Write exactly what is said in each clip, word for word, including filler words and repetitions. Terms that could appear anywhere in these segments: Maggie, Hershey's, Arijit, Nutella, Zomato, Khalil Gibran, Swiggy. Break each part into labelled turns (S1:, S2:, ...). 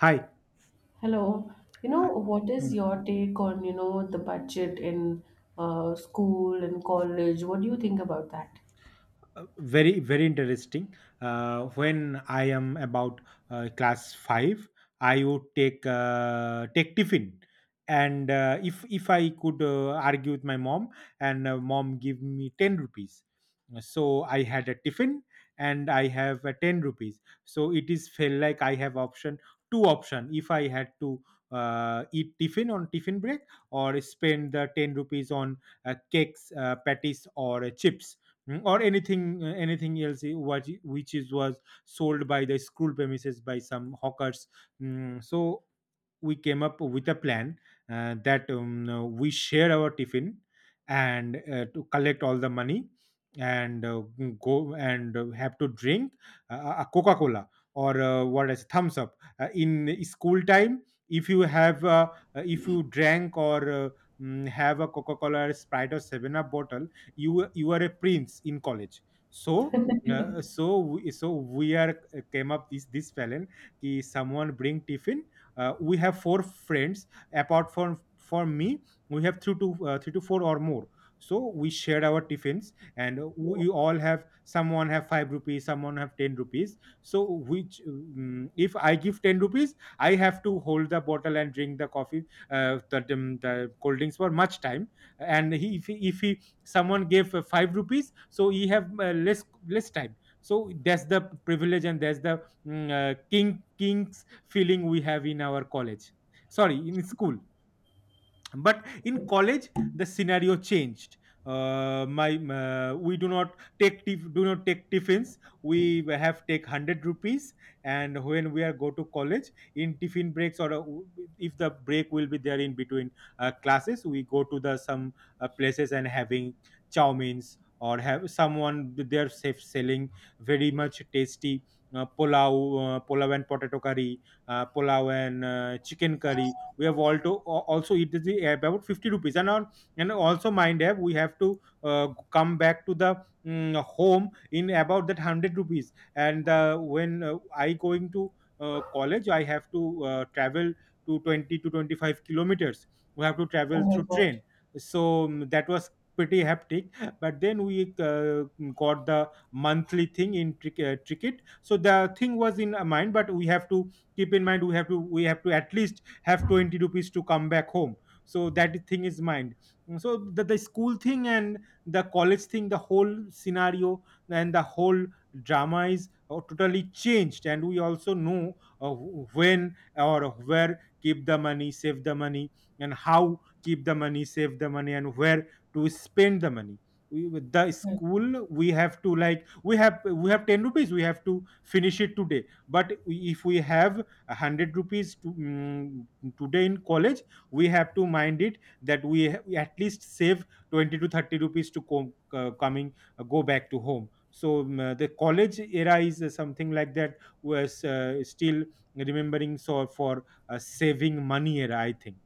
S1: Hi.
S2: Hello. You know, what is
S1: Mm.
S2: your take on, you know, the budget in uh, school and college? What do you think about that?
S1: Uh, very, very interesting. Uh, when I am about uh, class five, I would take uh, take tiffin, and uh, if if I could uh, argue with my mom, and uh, mom give me ten rupees, so I had a tiffin, and I have a ten rupees. So it is felt like I have option two option if I had to uh, eat tiffin on tiffin break, or spend the ten rupees on uh, cakes, uh, patties, or uh, chips. Mm, or anything uh, anything else, i- what i- which is was sold by the school premises by some hawkers. Mm, so we came up with a plan, uh, that um, uh, we share our tiffin, and uh, to collect all the money, and uh, mm, go, and uh, have to drink uh, uh, a Coca Cola, or uh, what is Thumbs Up uh, in school time. If you have uh, uh, if you drank, or uh, mm, have a Coca Cola, Sprite, or Seven Up bottle, you you are a prince in college. So uh, so we, so we are uh, came up this this felon ki someone bring tiffin. uh, we have four friends apart from from me. We have three to uh, three to four or more. So we shared our tiffins, and we all have someone have five rupees, someone have ten rupees. So which um, if I give ten rupees, I have to hold the bottle and drink the coffee, uh, the, the, the cold drinks for much time. And he, if he if he someone gave uh, five rupees, so he have uh, less less time. So that's the privilege, and that's the mm, uh, king king's feeling we have in our college. Sorry, in school. But in college the scenario changed. Uh, my uh, We do not take tif- do not take tiffins. We have take one hundred rupees, and when we are go to college in tiffin breaks, or uh, if the break will be there in between uh, classes, we go to the some uh, places and having chow means, or have someone there safe selling very much tasty uh, pulao uh, pulao and potato curry, uh, pulao, and uh, chicken curry. We have also also it is the- about fifty rupees. And on, and also mind app, we have to uh, come back to the mm, home in about that one hundred rupees. And uh, when uh, I going to uh, college, I have to uh, travel to twenty to twenty-five kilometers. We have to
S2: Oh
S1: travel
S2: my
S1: through
S2: God.
S1: train. So mm, that was pretty hectic. But then we uh, got the monthly thing in trick- uh, ticket. So the thing was in our mind, but we have to keep in mind we have to we have to at least have twenty rupees to come back home. So that thing is mind. So the, the school thing and the college thing, the whole scenario and the whole drama is uh, totally changed. And we also know uh, when or where keep the money save the money, and how keep the money save the money, and where to spend the money. we, with the school we have to, like, we have we have ten rupees, we have to finish it today. But we, if we have one hundred rupees to, mm, today in college, we have to mind it that we, ha- we at least save twenty to thirty rupees to co- uh, coming uh, go back to home. So mm, uh, the college era is uh, something like that was uh, still remembering. So for uh, saving money era, I think.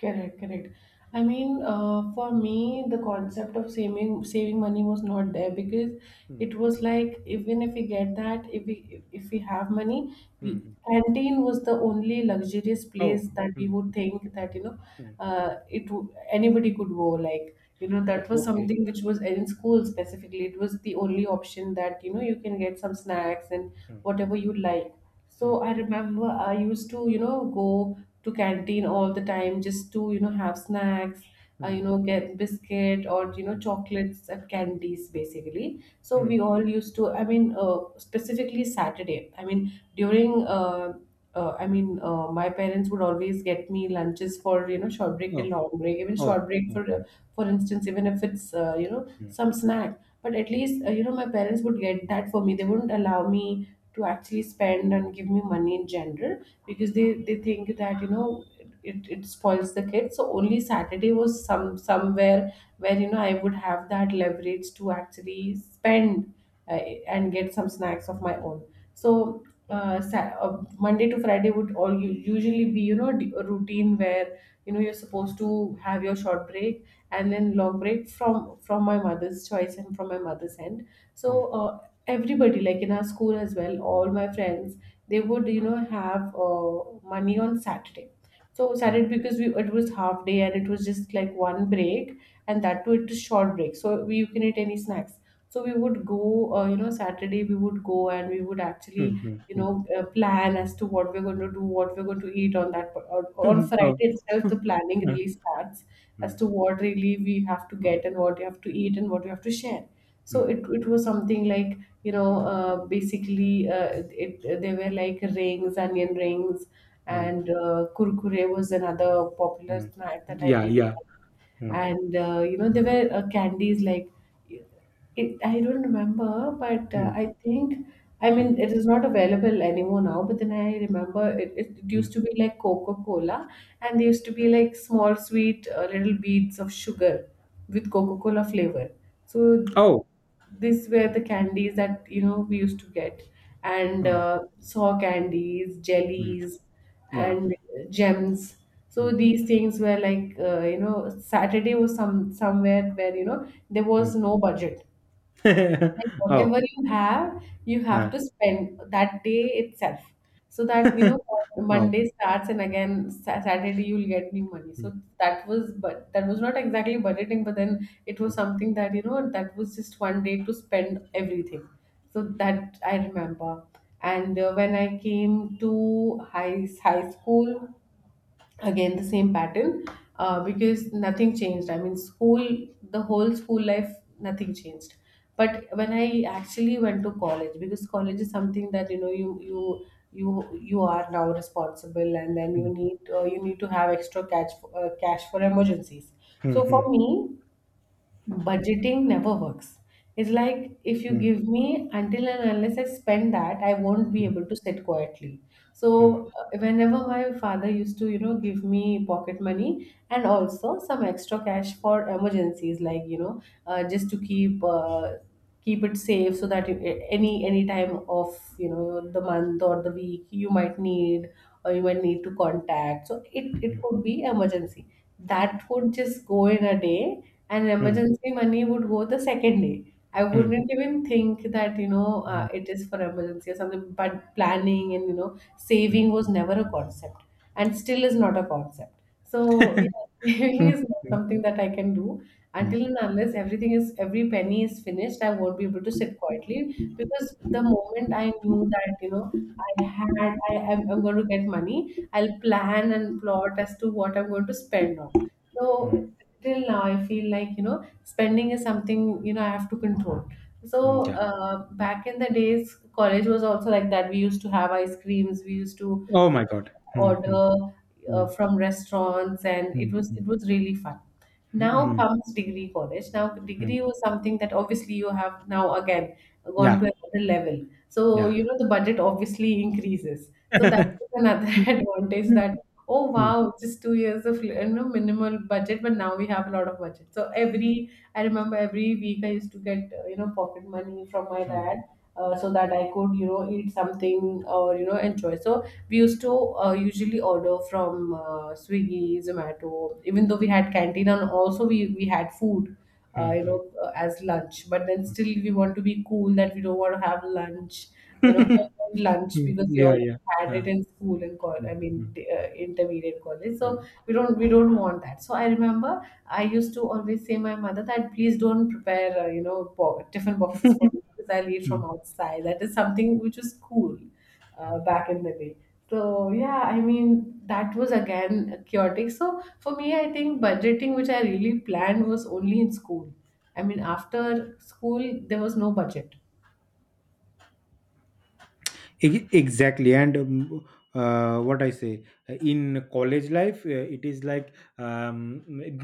S2: Correct, correct. I mean, uh, for
S1: Mm,
S2: me, the concept of saving saving money was not there because
S1: mm,
S2: it was like even if we get that, if we if we have money, we
S1: mm,
S2: canteen was the only luxurious
S1: oh,
S2: place that we would
S1: mm,
S2: think that, you know,
S1: mm,
S2: uh, it would, anybody could go. Like, you know,
S1: uh,
S2: that was
S1: okay,
S2: something which was in school specifically. It was the only option that, you know, you can get some snacks and
S1: mm,
S2: whatever you like. So I remember I used to, you know, go to canteen all the time just to, you know, have snacks, uh, you
S1: mm,
S2: know, get biscuit or, you know,
S1: mm,
S2: chocolates and candies basically. So we
S1: mm.
S2: all used to, I mean, uh, specifically Saturday. I mean, during uh, uh, I mean, uh, my parents would always get me lunches for, you know, short break and
S1: Oh,
S2: long break. Even short break
S1: oh.
S2: for uh, for instance, even if it's uh, you know,
S1: Mm, mm,
S2: some snack, but at least, uh, you know, my parents would get that for me. They wouldn't allow me to actually spend and give me money in general because they they think that, you know, it, it spoils the kid. So only Saturday was some somewhere where, you know, I would have that leverage to actually spend uh, and get some snacks of my own. So uh, Sa- uh, Monday to Friday would all u- usually be, you know, d- a routine where, you know, you're supposed to have your short break and then long break from from my mother's choice and from my mother's end, so
S1: mm,
S2: uh, everybody, like in our school as well, all my friends, they would, you know, have uh, money on Saturday. So
S1: mm,
S2: Saturday, because we, it was half day and it was just like one break, and that too it was short break, so we, you can eat any snacks. So we would go, uh, you know, Saturday we would go and we would
S1: mm,
S2: actually,
S1: mm,
S2: you
S1: mm.
S2: know, uh, plan as to what we're going to do, what we're going to eat on that, on on Friday
S1: Oh,
S2: itself the planning
S1: uh,
S2: really starts as
S1: mm,
S2: to what really we have to get and what we have to eat and what we have to share. So
S1: mm,
S2: it, it was something like, you know, uh, basically uh, it, it, they were like rings, onion rings,
S1: mm.
S2: and uh, kurkure was another popular
S1: Mm.
S2: snack that I
S1: Yeah,
S2: really
S1: yeah.
S2: liked.
S1: Mm,
S2: And uh, you know, there were uh, candies like, it, I don't remember, but uh,
S1: mm,
S2: I think, I
S1: mm,
S2: mean, it is not available anymore now. But then I remember it, it
S1: mm.
S2: used to be like Coca-Cola, and there used to be like small sweet uh, little beads of sugar with Coca-Cola flavor. So th-
S1: Oh,
S2: these were the candies that, you know, we used to get, and
S1: oh,
S2: uh, saw candies,
S1: mm,
S2: jellies,
S1: yeah.
S2: and gems. So
S1: Mm,
S2: these things were like, uh, you know, Saturday was some somewhere where, you know, there was
S1: mm.
S2: no budget, and
S1: Oh,
S2: whatever you have, you have
S1: uh,
S2: to spend that day itself. So that, you know,
S1: oh.
S2: Monday starts and again Sa- Saturday you'll get new money.
S1: Mm,
S2: So that was, but that was not exactly budgeting, but then it was something that, you know, that was just one day to spend everything. So that I remember. And uh, when I came to high, high school, again the same pattern, uh, because nothing changed. I mean, school, the whole school life, nothing changed. But when I actually went to college, because college is something that, you know, you you you you are now responsible, and then you
S1: mm,
S2: need uh, you need to have extra cash, uh, cash for emergencies. So for
S1: mm,
S2: me, budgeting never works. It's like if you
S1: mm,
S2: give me, until and unless I spend that, I won't be able to sit quietly.
S1: mm,
S2: So uh, whenever my father used to, you know, give me pocket money and also some extra cash for emergencies, like, you know, uh, just to keep uh, keep it safe, so that you, any any time of, you know, the month or the week you might need, or you might need to contact. So it, it could be emergency. That would just go in a day, and
S1: mm,
S2: emergency money would go the second day. I
S1: mm,
S2: wouldn't
S1: mm,
S2: even think that, you know, uh,
S1: mm,
S2: it is for emergency or something. But planning and, you know, saving was never a concept, and still is not a concept. So yeah,
S1: mm,
S2: saving
S1: mm,
S2: is not
S1: mm, mm,
S2: something that I can do
S1: mm.
S2: until and unless everything is, every penny is finished. I won't be able to sit quietly, because the moment I knew that, you know, I had, I am, I'm going to get money, I'll plan and plot as to what I'm going to spend on. So till now, I feel like, you know, spending is something, you know, I have to control. So
S1: Yeah.
S2: uh, back in the days, college was also like that. We used to have ice creams. We used to,
S1: Oh
S2: you
S1: my God.
S2: know,
S1: Mm, mm,
S2: order uh,
S1: mm,
S2: from restaurants, and it
S1: mm,
S2: was
S1: mm,
S2: it was really fun. Now
S1: mm,
S2: comes degree college. Now,
S1: mm.
S2: degree was something that obviously you have now again gone to
S1: Yeah,
S2: another level. So,
S1: yeah.
S2: you know, the budget obviously increases. So that is another advantage that, oh
S1: Mm,
S2: wow, just two years of, you know, minimal budget, but now we have a lot of budget. So every, I remember every week I used to get, uh, you know, pocket money from my
S1: mm,
S2: dad, uh, so that I could, you know, eat something or, you know, enjoy. So we used to uh, usually order from uh, Swiggy, Zomato, even though we had canteen and also we, we had food,
S1: mm,
S2: uh, you
S1: mm,
S2: know, uh, as lunch. But then still we want to be cool, that we don't want to have lunch, you know, homemade lunch,
S1: mm.
S2: because we
S1: Yeah,
S2: all
S1: yeah.
S2: had it
S1: Uh,
S2: in school and college,
S1: mm,
S2: I
S1: mm,
S2: mean, uh, intermediate college. So we don't we don't want that. So I remember I used to always say my mother that please don't prepare, uh, you know, bo- tiffin boxes for me because I'll eat from
S1: mm.
S2: outside. That is something which was cool uh, back in the day. So yeah, I mean that was again chaotic. So for me, I think budgeting, which I really planned, was only in school. I mean, after school there was no budget.
S1: E- exactly, and um, uh, what I say, uh, in college life uh, it is like, um,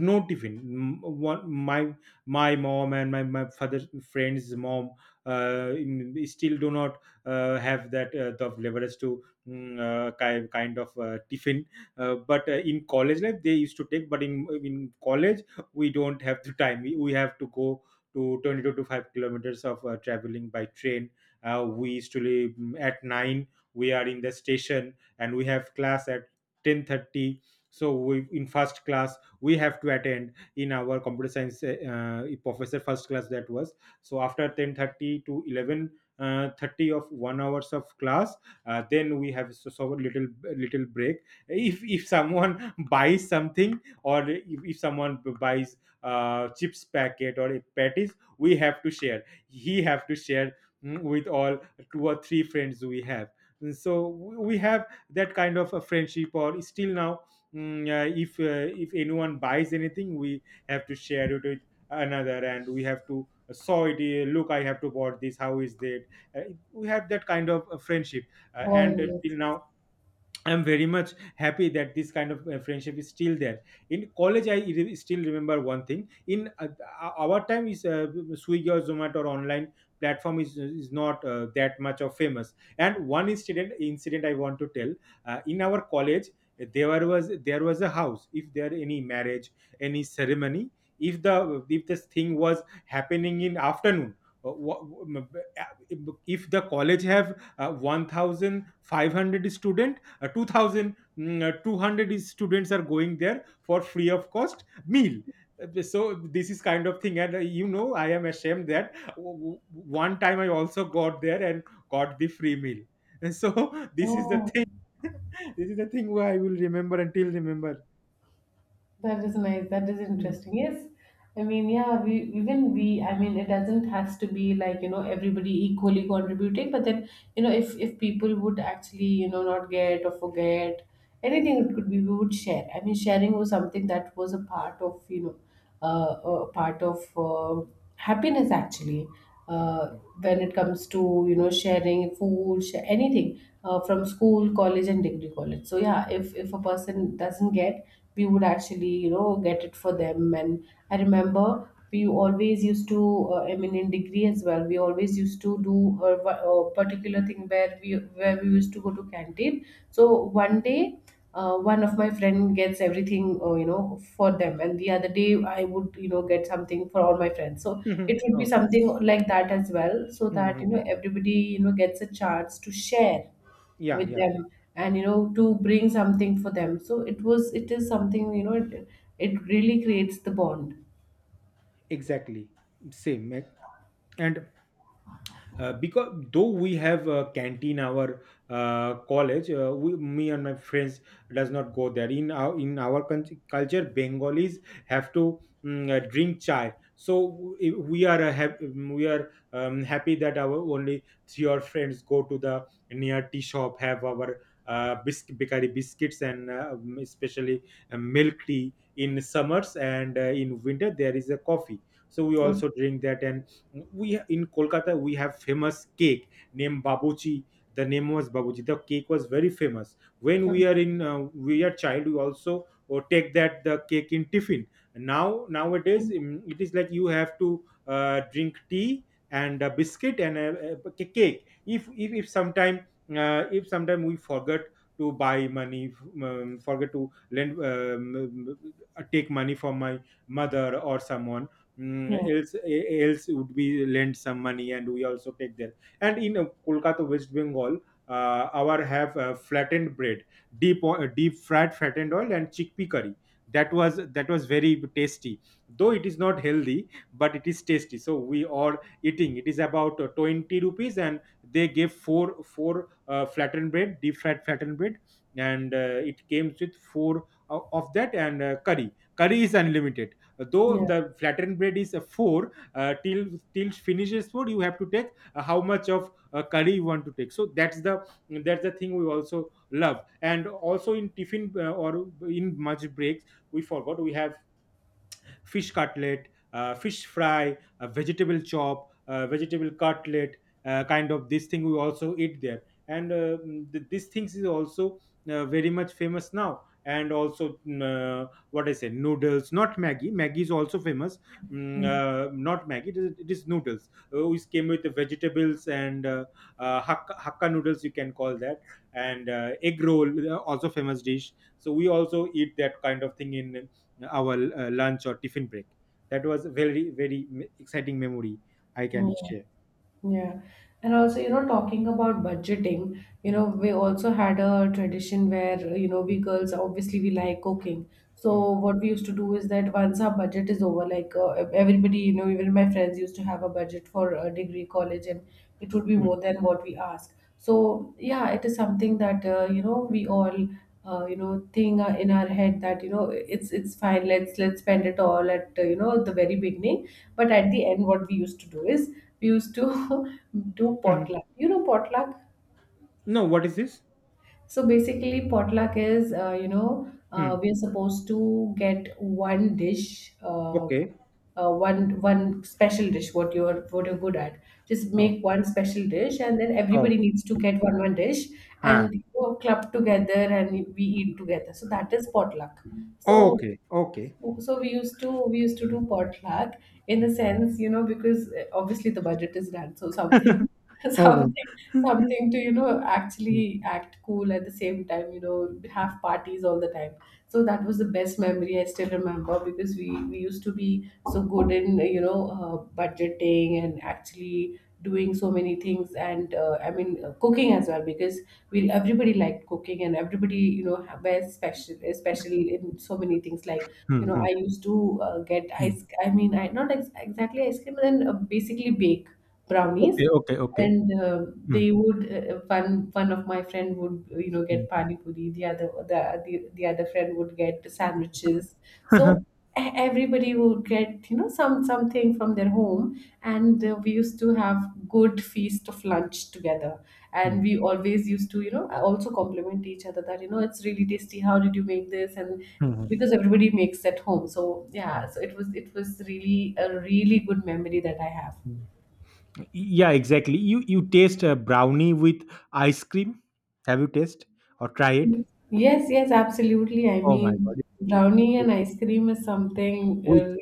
S1: no tiffin. M- one, my my mom and my, my father's friend's mom uh, in- still do not uh, have that, uh, the leverage to, mm, uh, ki- kind of uh, tiffin. uh, but uh, in college life they used to take, but in in college we don't have the time. We, we have to go to twenty-two to five kilometers of uh, traveling by train. uh, we usually mm, at nine we are in the station, and we have class at ten thirty. So we in first class we have to attend in our computer science eh, uh, professor first class that was. So after ten thirty to eleven, uh, thirty of one hours of class, uh, then we have so, so little little break. If if someone buys something, or if, if someone buys uh, chips packet or a patties, we have to share, he have to share mm, with all two or three friends we have. And so we have that kind of a friendship or still now, mm, uh, if uh, if anyone buys anything, we have to share it with another. And we have to uh, saw it, uh, look, I have to bought this, how is that uh, we have that kind of uh, friendship, uh,
S2: Born
S1: and uh,
S2: yes.
S1: till now. I'm very much happy that this kind of uh, friendship is still there. In college, I re- still remember one thing. In uh, uh, our time, is, uh, Swiggy or Zomato or online platform is is not uh, that much of famous. And one incident incident I want to tell. Uh, in our college, there was there was a house. If there any marriage, any ceremony, if the if this thing was happening in afternoon. uh, wha- If the college have uh, one thousand five hundred student, uh, twenty-two hundred is students are going there for free of cost meal. Uh, so this is kind of thing. And uh, you know I am ashamed that w- w- one time I also got there and got the free meal. And so this is the
S2: Oh.
S1: thing. This is the thing where I will remember until remember.
S2: That is nice. That is
S1: Mhm.
S2: interesting. Yes. I mean, yeah, we even we I mean, it doesn't has to be like, you know, everybody equally contributing, but then, you know, if if people would actually, you know, not get or forget anything, it could be, we would share. I mean, sharing was something that was a part of, you know, uh, a part of uh, happiness actually, uh, when it comes to, you know, sharing food, share anything, uh, from school, college, and degree college. So yeah, if if a person doesn't get, we would actually, you know, get it for them. And I remember we always used to, uh, I mean, in degree as well, we always used to do a, a particular thing where we where we used to go to canteen. So one day, uh, one of my friend gets everything, uh, you know, for them, and the other day I would, you know, get something for all my friends. So it would be
S1: Oh.
S2: something like that as well, so that, you
S1: Mhm.
S2: know, everybody, you know, gets a chance to share
S1: Yeah,
S2: with
S1: yeah,
S2: them, and, you know, to bring something for them. So it was, it is something, you know, it, it really creates the bond.
S1: exactly, same eh. And uh, because though we have a canteen, our uh, college, uh, we, me and my friends does not go there. In our in our country, culture, Bengalis have to, mm, uh, drink chai. So we we are uh, hap- mm, we are um, happy that our only three or friends go to the near tea shop, have our uh, biscuit bikari biscuits and uh, um, especially uh, milk tea in summers, and uh, in winter there is a coffee, so we
S2: Okay.
S1: also drink that. And we in Kolkata we have famous cake named babuchi. The name was babuchi, the cake was very famous when
S2: Okay.
S1: we are in uh, we are child. We also or take that the cake in tiffin. Now nowadays mm, it is like you have to uh, drink tea, and a biscuit, and a, a cake. If if, if sometime uh, if sometime we forget to buy money, um, forget to lend um, uh, take money from my mother or someone. Mm,
S2: Yeah,
S1: else eh, else would be lend some money, and we also take there. And in uh, Kolkata, West Bengal, uh, our have uh, flattened bread, deep o- uh, deep fried flattened oil and chickpea curry. That was that was very tasty. Though it is not healthy, but it is tasty, so we are eating. It is about uh, twenty rupees, and they gave four four uh, flattened bread, deep fried flattened bread. And uh, it came with four o- of that, and uh, curry. Curry is unlimited. Though
S2: yeah,
S1: the flattened bread is a four, uh, till till finishes four, you have to take uh, how much of uh, curry you want to take. So that's the that's the thing we also love. And also in tiffin, uh, or in much breaks, we forgot we have fish cutlet, uh, fish fry, a vegetable chop, uh, vegetable cutlet, uh, kind of this thing we also eat there. And uh, mm, th- these things is also uh, very much famous now. And also, mm, uh, what I say, noodles, not Maggie. Maggie is also famous. Mm, uh, not Maggie, it is, it is noodles, uh, which came with the vegetables, and uh, uh, hakka, hakka noodles, you can call that. And uh, egg roll, uh, also famous dish. So we also eat that kind of thing in our uh, lunch or tiffin break. That was a very, very me- exciting memory I can
S2: yeah.
S1: share.
S2: Yeah. And also, you know, talking about budgeting, you
S1: Hmm,
S2: know, we also had a tradition where, you know, we
S1: hmm,
S2: girls obviously we like cooking. So
S1: hmm,
S2: what we used to do is that once our budget is over, like, uh, everybody, you know, even my friends used to have a budget for a degree college, and it would be
S1: hmm,
S2: more than what we ask. So yeah, it is something that, uh, you know, we all uh, you know thing uh, in our head that you know it's it's fine. Let's let's spend it all at uh, you know, the very beginning. But at the end what we used to do is we used to do
S1: mhm.
S2: potluck, you know, potluck.
S1: No, what is this?
S2: So basically potluck is uh, you know uh,
S1: Hmm.
S2: we're supposed to get one dish, uh,
S1: Okay.
S2: uh, one one special dish, what you're what you're good at. Just
S1: Oh,
S2: make one special dish, and then
S1: oh,
S2: everybody needs to get one one dish,
S1: ah.
S2: and we go club together and we eat together. So that is potluck. so
S1: Okay, okay.
S2: so we used to we used to do potluck, in the sense, you know, because uh, obviously the budget is that, so something
S1: Oh.
S2: something, something to, you know, actually act cool at the same time, you know, have parties all the time. So that was the best memory. I still remember because we we used to be so good in, you know, uh, budgeting and actually doing so many things and, uh, I mean, uh, cooking as well. Because we everybody liked cooking, and everybody, you know, ha- wears special, special in so many things. Like,
S1: Hmm,
S2: you know,
S1: hmm,
S2: I used to uh, get
S1: hmm.
S2: ice, I mean, I not ex- exactly ice cream, but then, uh, basically bake brownies.
S1: Okay, okay, okay.
S2: And uh,
S1: Hmm,
S2: they would, uh, uh, one one of my friend would, you know,
S1: hmm.
S2: get pani puri. The other, the, the the other friend would get sandwiches. So e- everybody would get, you know, some something from their home. And uh, we used to have good feast of lunch together.
S1: Hmm,
S2: And we always used to, you know, also compliment each other that, you know, it's really tasty, how did you make this. And
S1: hmm,
S2: because everybody makes at home. So yeah, so it was it was really a really good memory that I have.
S1: hmm. Yeah, exactly. You you taste a brownie with ice cream? Have you taste or try it?
S2: Yes, yes, absolutely. I
S1: Oh my
S2: mean,
S1: god!
S2: brownie and ice cream is something
S1: With
S2: uh,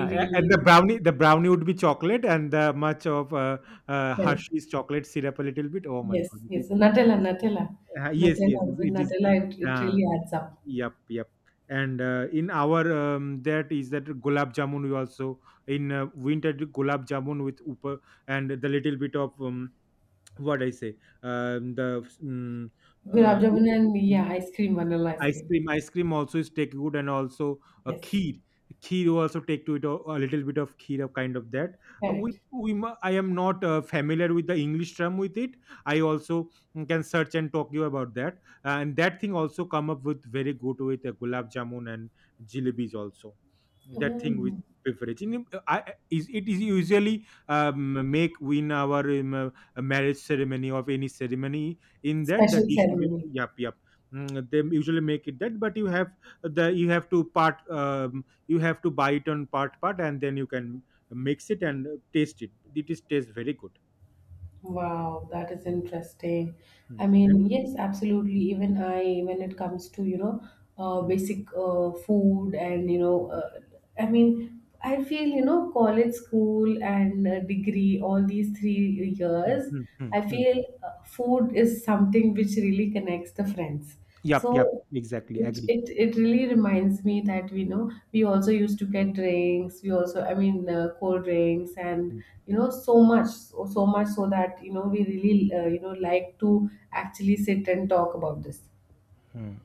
S1: uh, and the brownie the brownie would be chocolate and the much of uh, uh,
S2: really.
S1: Hershey's chocolate syrup, a little bit. Oh my god,
S2: Yes,
S1: it
S2: yes.
S1: is,
S2: Nutella,
S1: is
S2: Nutella.
S1: uh, Yes,
S2: Nutella,
S1: yes, yes,
S2: with
S1: it is.
S2: Nutella, it, it
S1: uh,
S2: really adds up.
S1: yep, yep. And uh, in our um, that is that gulab jamun we also in uh, winter do gulab jamun with upper and the little bit of um, what I say, um, the um, uh,
S2: Gulab jamun and yeah, ice cream, vanilla ice
S1: ice
S2: cream.
S1: cream ice cream also is take good, and also a
S2: Yes,
S1: kheer. Kheer you also take to it a, a little bit of kheer of kind of that. uh, we,
S2: correct.
S1: we mu- i am not uh, familiar with the English term with it. I also mm, can search and talk you about that, and that thing also come up with very good with uh, gulab jamun and jalebis also. That thing with
S2: Mm.
S1: beverage. In- I, is it is usually um, make in our um, uh, marriage ceremony of any ceremony. In that the
S2: Special
S1: dish will be.
S2: ceremony.
S1: Yep, yep. Mm, they usually make it that, but you have the you have to part, um, you have to buy it on part part and then you can mix it and uh, taste it, it is taste very good.
S2: Wow, that is
S1: Mm,
S2: interesting. I
S1: mm, and-
S2: mean, yes, absolutely.
S1: mm,
S2: Even I, when it comes to, you know, uh,
S1: mm,
S2: basic uh, food, and, you know, uh, I mean, I feel, you know, college, school, and uh, degree, all these three
S1: mm,
S2: years,
S1: mm, mm,
S2: I
S1: mm.
S2: feel uh, food is something which really connects the friends.
S1: Yep, yep,
S2: So,
S1: exactly,
S2: it,
S1: agree.
S2: it it really reminds me that, we know, we also used to get drinks, we also, I mean, uh, cold drinks. And you know so much, so, so much so that, you know, we really, uh, you know, like to actually sit and talk about this.
S1: Mm.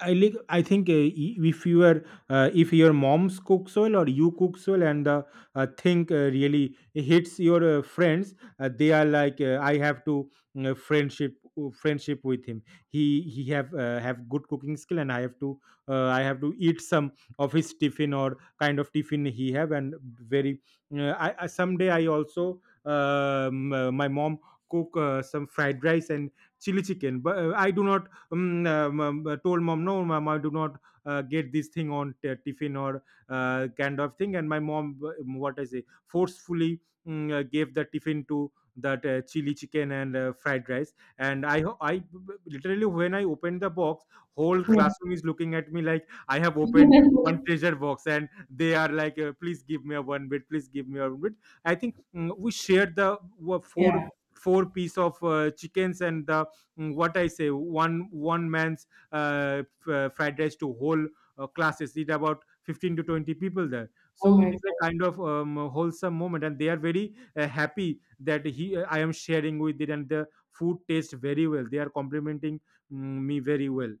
S1: I like. I think uh, i- if you are, uh, if your mom's cooks well or you cooks well, and the uh, thing uh, really hits your uh, friends, uh, they are like, uh, I have to uh, friendship uh, friendship with him. He he have uh, have good cooking skill, and I have to uh, I have to eat some of his tiffin or kind of tiffin he have, and very. Uh, I, I someday I also um, uh, my mom cook uh, some fried rice and chili chicken, but uh, I do not um, um, um, uh, told mom, no mom, I do not uh, get this thing on t- tiffin or uh, kind of thing, and my mom uh, what I say forcefully mm, uh, gave the tiffin to that uh, chili chicken and uh, fried rice, and i ho- i literally when I opened the box, whole
S2: Yeah.
S1: classroom is looking at me like I have opened one treasure box, and they are like, uh, please give me a one bit, please give me a one bit. I think mm, we shared the wa- four
S2: Yeah.
S1: four piece of uh, chickens, and the mm, what I say, one one man's uh, f- uh, fried rice to whole uh, classes. It about fifteen to twenty people there.
S2: Oh
S1: So it
S2: my.
S1: is a kind of um, wholesome moment, and they are very uh, happy that he I am sharing with it, and the food tastes very well. They are complimenting mm, me very well.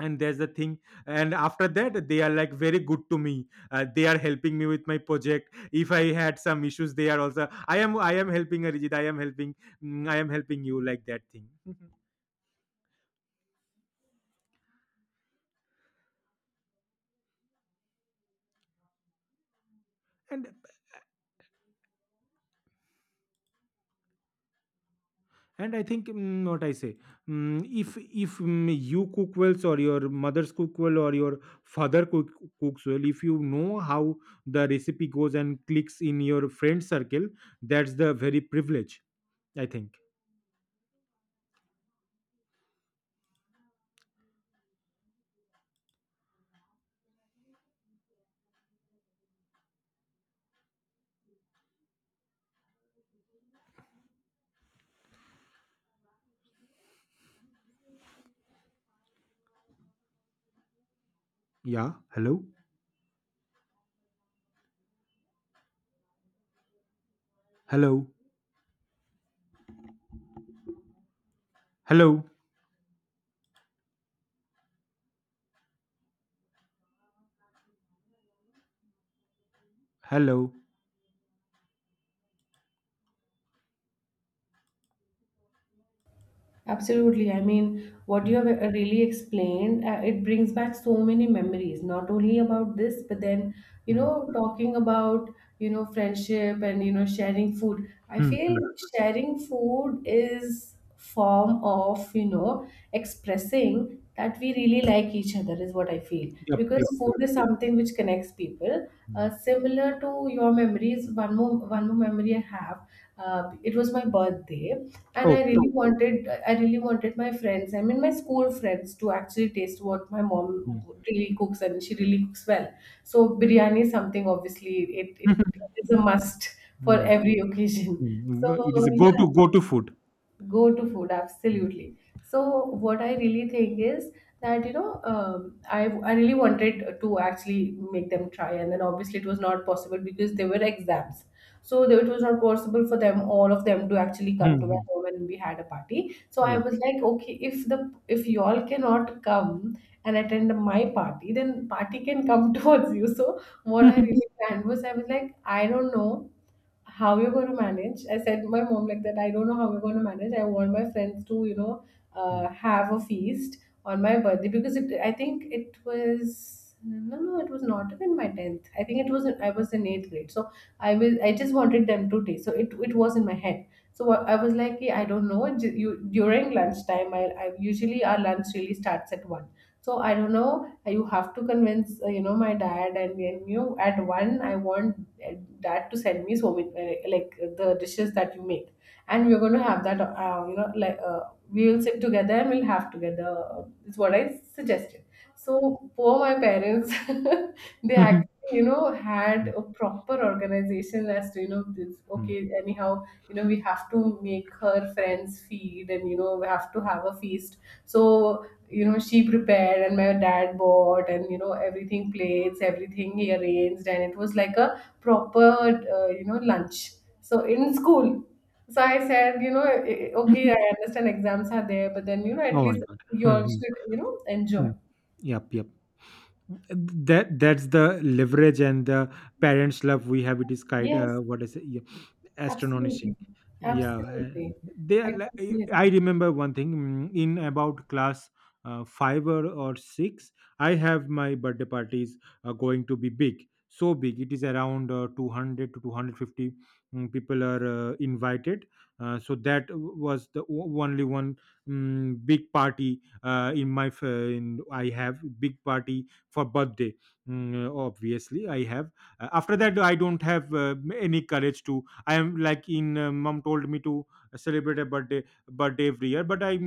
S1: And there's the thing, and after that they are like very good to me. Uh, they are helping me with my project. If I had some issues, they are also I am I am helping Arijit. I am helping. mm, I am helping you like that thing and. And I think mm, what I say, mm, if if mm, you cook well, or your mother's cook well, or your father cook, cooks well, if you know how the recipe goes and clicks in your friend circle, that's the very privilege. I think. Yeah. Hello. Hello. Hello. Hello.
S2: Absolutely. I mean, what you have uh, really explained, uh, it brings back so many memories, not only about this, but then, you
S1: Hmm.
S2: know, talking about, you know, friendship, and, you know, sharing food. I
S1: Hmm,
S2: feel
S1: hmm.
S2: sharing food is form of, you know, expressing that we really like each other, is what I feel.
S1: Yep.
S2: Because
S1: Yep.
S2: food
S1: Yep.
S2: is something which connects people.
S1: Hmm.
S2: Uh, similar to your memories, one more one more memory I have. Uh, it was my birthday, and I
S1: Okay.
S2: really wanted, I really wanted my friends, I mean my school friends, to actually taste what my mom
S1: Hmm.
S2: really cooks, and she really cooks well. So biryani is something. Obviously it it is a must for
S1: Hmm,
S2: every occasion.
S1: hmm. Go- It is
S2: So
S1: a go
S2: yeah.
S1: to go to food.
S2: Go to food,
S1: Hmm.
S2: absolutely. So what I really think is that, you know, um, I I really wanted to actually make them try, and then obviously it was not possible because there were exams. So there- it was not possible for them, all of them, to actually come
S1: Hmm,
S2: to my
S1: hmm.
S2: home and we had a party. So I
S1: Yeah.
S2: was like, okay, if the, if y'all cannot come and attend my party, then party can come towards you. So what I really planned was, I was like, I don't know how you're going to manage. I said to my mom like that, I don't know how we're going to manage. I want my friends to, you know,
S1: Hmm.
S2: uh, have a feast on my birthday. Because it, I think it was no, no, it was not even my tenth, I think it was in, I was in eighth grade. So I was, I just wanted them to taste. So it, it was in my head. So what- I was like, yeah, I don't know, ju- you, during lunchtime, I, I usually, our lunch really starts at one. So I don't know, you have to convince, uh, you know, my dad, and, and you, at one I want, uh, dad to send me so many, uh, like, uh, the dishes that you make, and we're going to have that, uh, you know, like, uh, we will sit together and we'll have together, uh, is what I suggested. So poor my parents they
S1: Hmm,
S2: actually, you know, had a proper organization as to, you know, this,
S1: hmm.
S2: okay, anyhow, you know, we have to make her friends feed, and you know, we have to have a feast. So, you know, she prepared, and my dad bought, and you know, everything, plates, everything he arranged, and it was like a proper, uh, you know, lunch. So in school, so I said, you know, eh, okay, I understand exams are there, but then, you know, at
S1: Oh my
S2: least
S1: god.
S2: you
S1: Hmm,
S2: all
S1: hmm,
S2: should, you know, enjoy.
S1: hmm. Yep. Yep. That that's the leverage and the parents love we have, it is kind, uh,
S2: Yes,
S1: what is it? Yeah,
S2: absolutely,
S1: astonishing. Yeah, uh,
S2: absolutely.
S1: they
S2: I
S1: are li-
S2: totally
S1: i
S2: agree.
S1: remember one thing mm, in about class uh, five or, or six. I have my birthday parties are going to be big, so big, it is around uh, two hundred to 250 mm, people are uh, invited. Uh, so that w- was the o- only one mm, big party uh, in my f- uh, in, I have big party for birthday. Mm, obviously I have. Uh, after that I don't have uh, any courage to. I am like, in uh, mom told me to uh, celebrate a birthday birthday every year, but I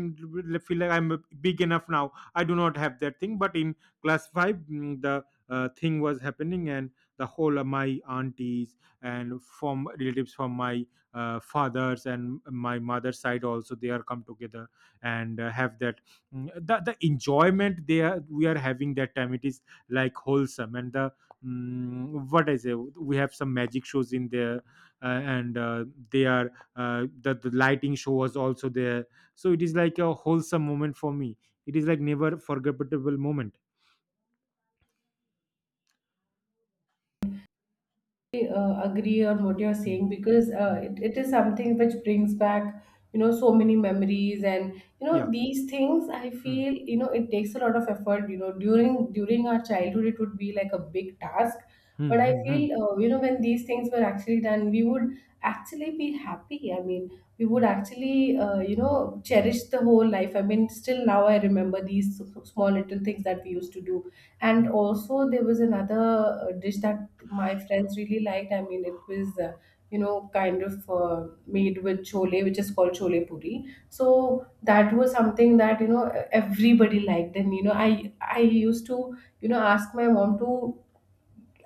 S1: feel like I'm uh, big enough now, I do not have that thing, but in class 5, mm, the uh, thing was happening, and the whole of my aunties and from relatives from my uh, father's and my mother's side also they are come together and uh, have that. mm, the, the enjoyment they are we are having that time, it is like wholesome, and the mm, what I say, we have some magic shows in there, uh, and uh, they are uh, the, the lighting show was also there. So it is like a wholesome moment for me, it is like never forgettable moment.
S2: Uh, agree on what you're
S1: Mm,
S2: saying, because uh,
S1: mm.
S2: it, it is something which brings back, you know, so many memories. And you know,
S1: Yeah.
S2: these things, I
S1: Mm,
S2: feel, you know, it takes a lot of effort, you know, during during our childhood it would be like a big task. But I
S1: mm, mm,
S2: feel, uh, you know, when these things were actually done, we would actually be happy. I mean, we would
S1: mm,
S2: actually, uh, you know, cherish the whole life. I mean, still now I remember these s- s- small little things that we used to do. And
S1: mm,
S2: also there was another uh, dish that my friends really liked. I mean, it was, uh, you know, kind of uh, made with chole, which is called chole puri. So that was something that, you know, everybody liked. And you know, I I used to, you know, ask my mom to,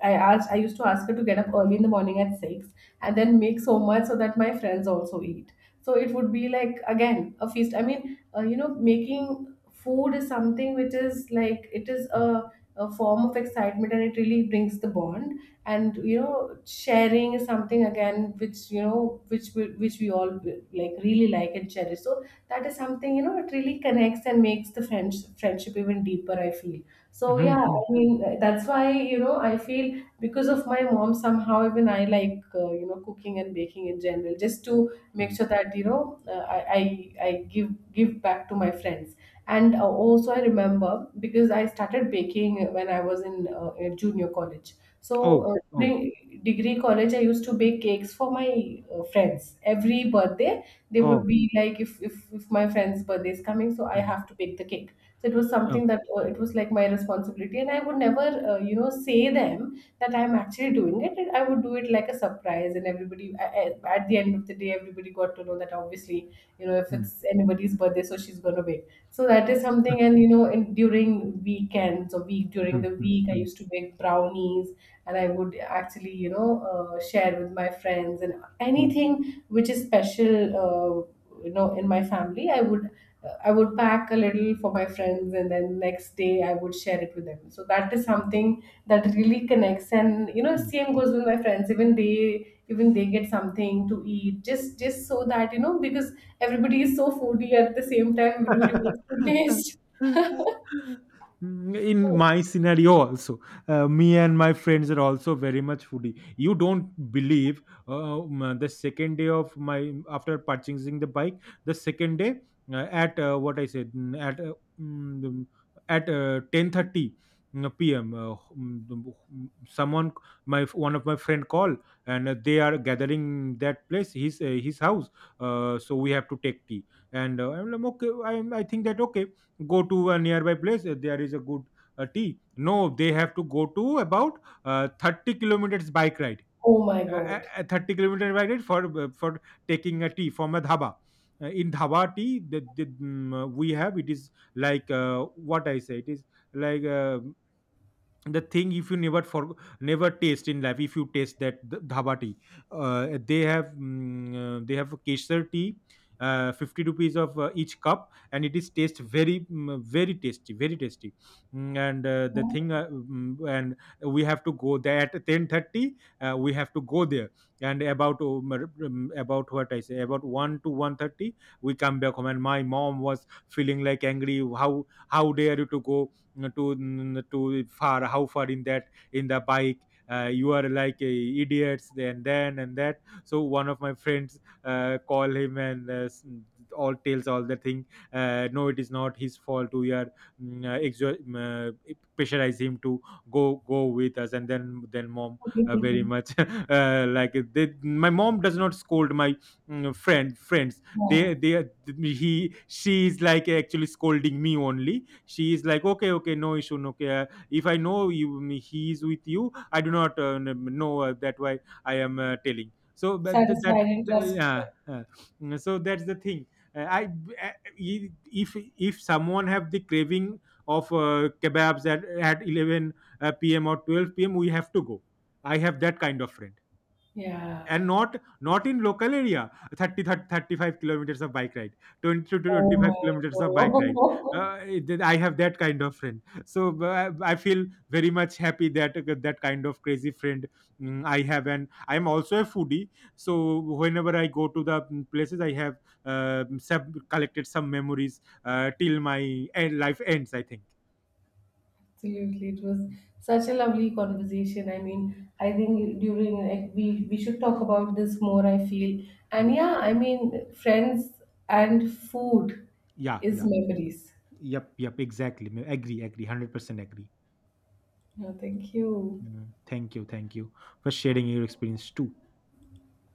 S2: I asked I used to ask her to get up early in the morning at six, and then make so much so that my friends also eat. So it would be like again a feast. I mean, uh, you know, making food is something which is like, it is a, a form of excitement, and it really brings the bond. And you know, sharing is something again which, you know, which we, which we all like, really like and cherish. So that is something, you know, it really connects and makes the friends friendship even deeper, I feel.
S1: mm,
S2: So
S1: mm,
S2: yeah,
S1: mm.
S2: I mean, that's why, you know, I feel, because of my mom, somehow, even I like, uh, you know, cooking and baking in general, just to make sure that, you know, uh, I, I I give give back to my friends. And uh, also I remember, because I started baking when I was in, uh, in junior college. So
S1: Oh,
S2: uh,
S1: oh,
S2: during degree college, I used to bake cakes for my uh, friends. Every birthday, they would
S1: oh.
S2: be like, if, if if my friend's birthday is coming, so I
S1: Mm,
S2: have to bake the cake. So it was
S1: oh,
S2: something that, uh, it was like my responsibility, and I would never, uh, you know, say them that I'm actually doing it. And I would do it like a surprise, and everybody, I, I- at the end of the day, everybody got to know that, obviously, you know, if
S1: mm,
S2: it's anybody's birthday, so she's gonna bake. So that is something. And you know, in, during weekends, or week, during
S1: mm,
S2: the
S1: mm,
S2: week, I
S1: mm,
S2: used to bake brownies, and I would actually, you know, uh, share with my friends. And
S1: mm,
S2: anything which is special Uh, you know, in my family, I would, I would pack a little for my friends, and then next day I would share it with them. So that is something that really connects. And you know,
S1: mm.
S2: same goes with my friends. Even they, even they get something to eat, just just so that, you know, because everybody is so foodie, at the same time, everybody wants to taste.
S1: Mm, in my scenario also, uh, me and my friends are also very much foodie. You don't believe, uh, um, the second day of my after purchasing the bike, the second day, uh, at uh, what I said, mm, at uh, mm, the- at uh, ten thirty p m. Uh, mm, the- mm, someone, my one of my friend call, and uh, they are gathering that place, his uh, his house. Uh, so we have to take tea, and uh, I'm like, okay. I'm, I think that, okay, go to a nearby place. uh, There is a good uh, tea. No, they have to go to about uh, thirty kilometers bike ride.
S2: Oh my
S1: Uh, a-
S2: god!
S1: a thirty kilometer bike ride for uh, for taking a tea from a dhaba. Uh, in dhaba tea that that, mm, uh, we have, it is like uh, what I say. It is like. Uh, the thing if you never for never taste in life, if you taste that th- dhaba tea, uh, they have mm, uh, they have kesar tea, uh, fifty rupees of uh, each cup, and it is taste very mm, very tasty, very tasty. Mm, and uh, the thing, uh, mm, and we have to go there at ten thirty. Uh, we have to go there, and about um, um, about what I say, about one to one thirty, we come back home, and my mom was feeling like angry, how how dare you to go to mm, to far how far in that in the bike, uh, you are like uh, idiots, and then and that, so one of my friends uh, call him, and uh, s- all tells all the thing, uh, no, it is not his fault, we are mm, uh, exo- mm, uh, pressurize him to go go with us, and then then mom uh, very
S2: Yeah,
S1: much uh, like they, my mom does not scold my mm, friend friends they they are- he she is like actually scolding me only, she's like okay, okay, no issue, no care, if I know you he is with you, I do not uh, n- know uh, that why I am uh, telling so, but th- that
S2: satisfied and
S1: th-
S2: trust.
S1: yeah, uh, so that's the thing. Uh, i uh, e, if if someone have the craving of uh, kebabs at, at eleven uh, pm or twelve p m, we have to go. I have that kind of friend,
S2: Yeah.
S1: and not not in local area, thirty, thirty thirty-five kilometers of bike ride, twenty to
S2: Oh
S1: twenty-five kilometers of bike
S2: my
S1: ride,
S2: god.
S1: uh, it- i have that kind of friend, so uh, I feel very much happy that uh, that kind of crazy friend mm, I have, and I'm also a foodie, so whenever I go to the mm, places I have uh, sub- collected some memories uh, till my end, life ends, I think.
S2: Absolutely, it was such a lovely conversation. I
S1: Mm.
S2: mean, I think during, like, we we should talk about this more, I feel. And yeah, I mean, friends and food
S1: Yeah,
S2: is
S1: yeah,
S2: memories.
S1: yep, yep, exactly. Me- agree, agree, one hundred percent agree.
S2: Yeah, thank you.
S1: Mm, thank you, thank you for sharing your experience too.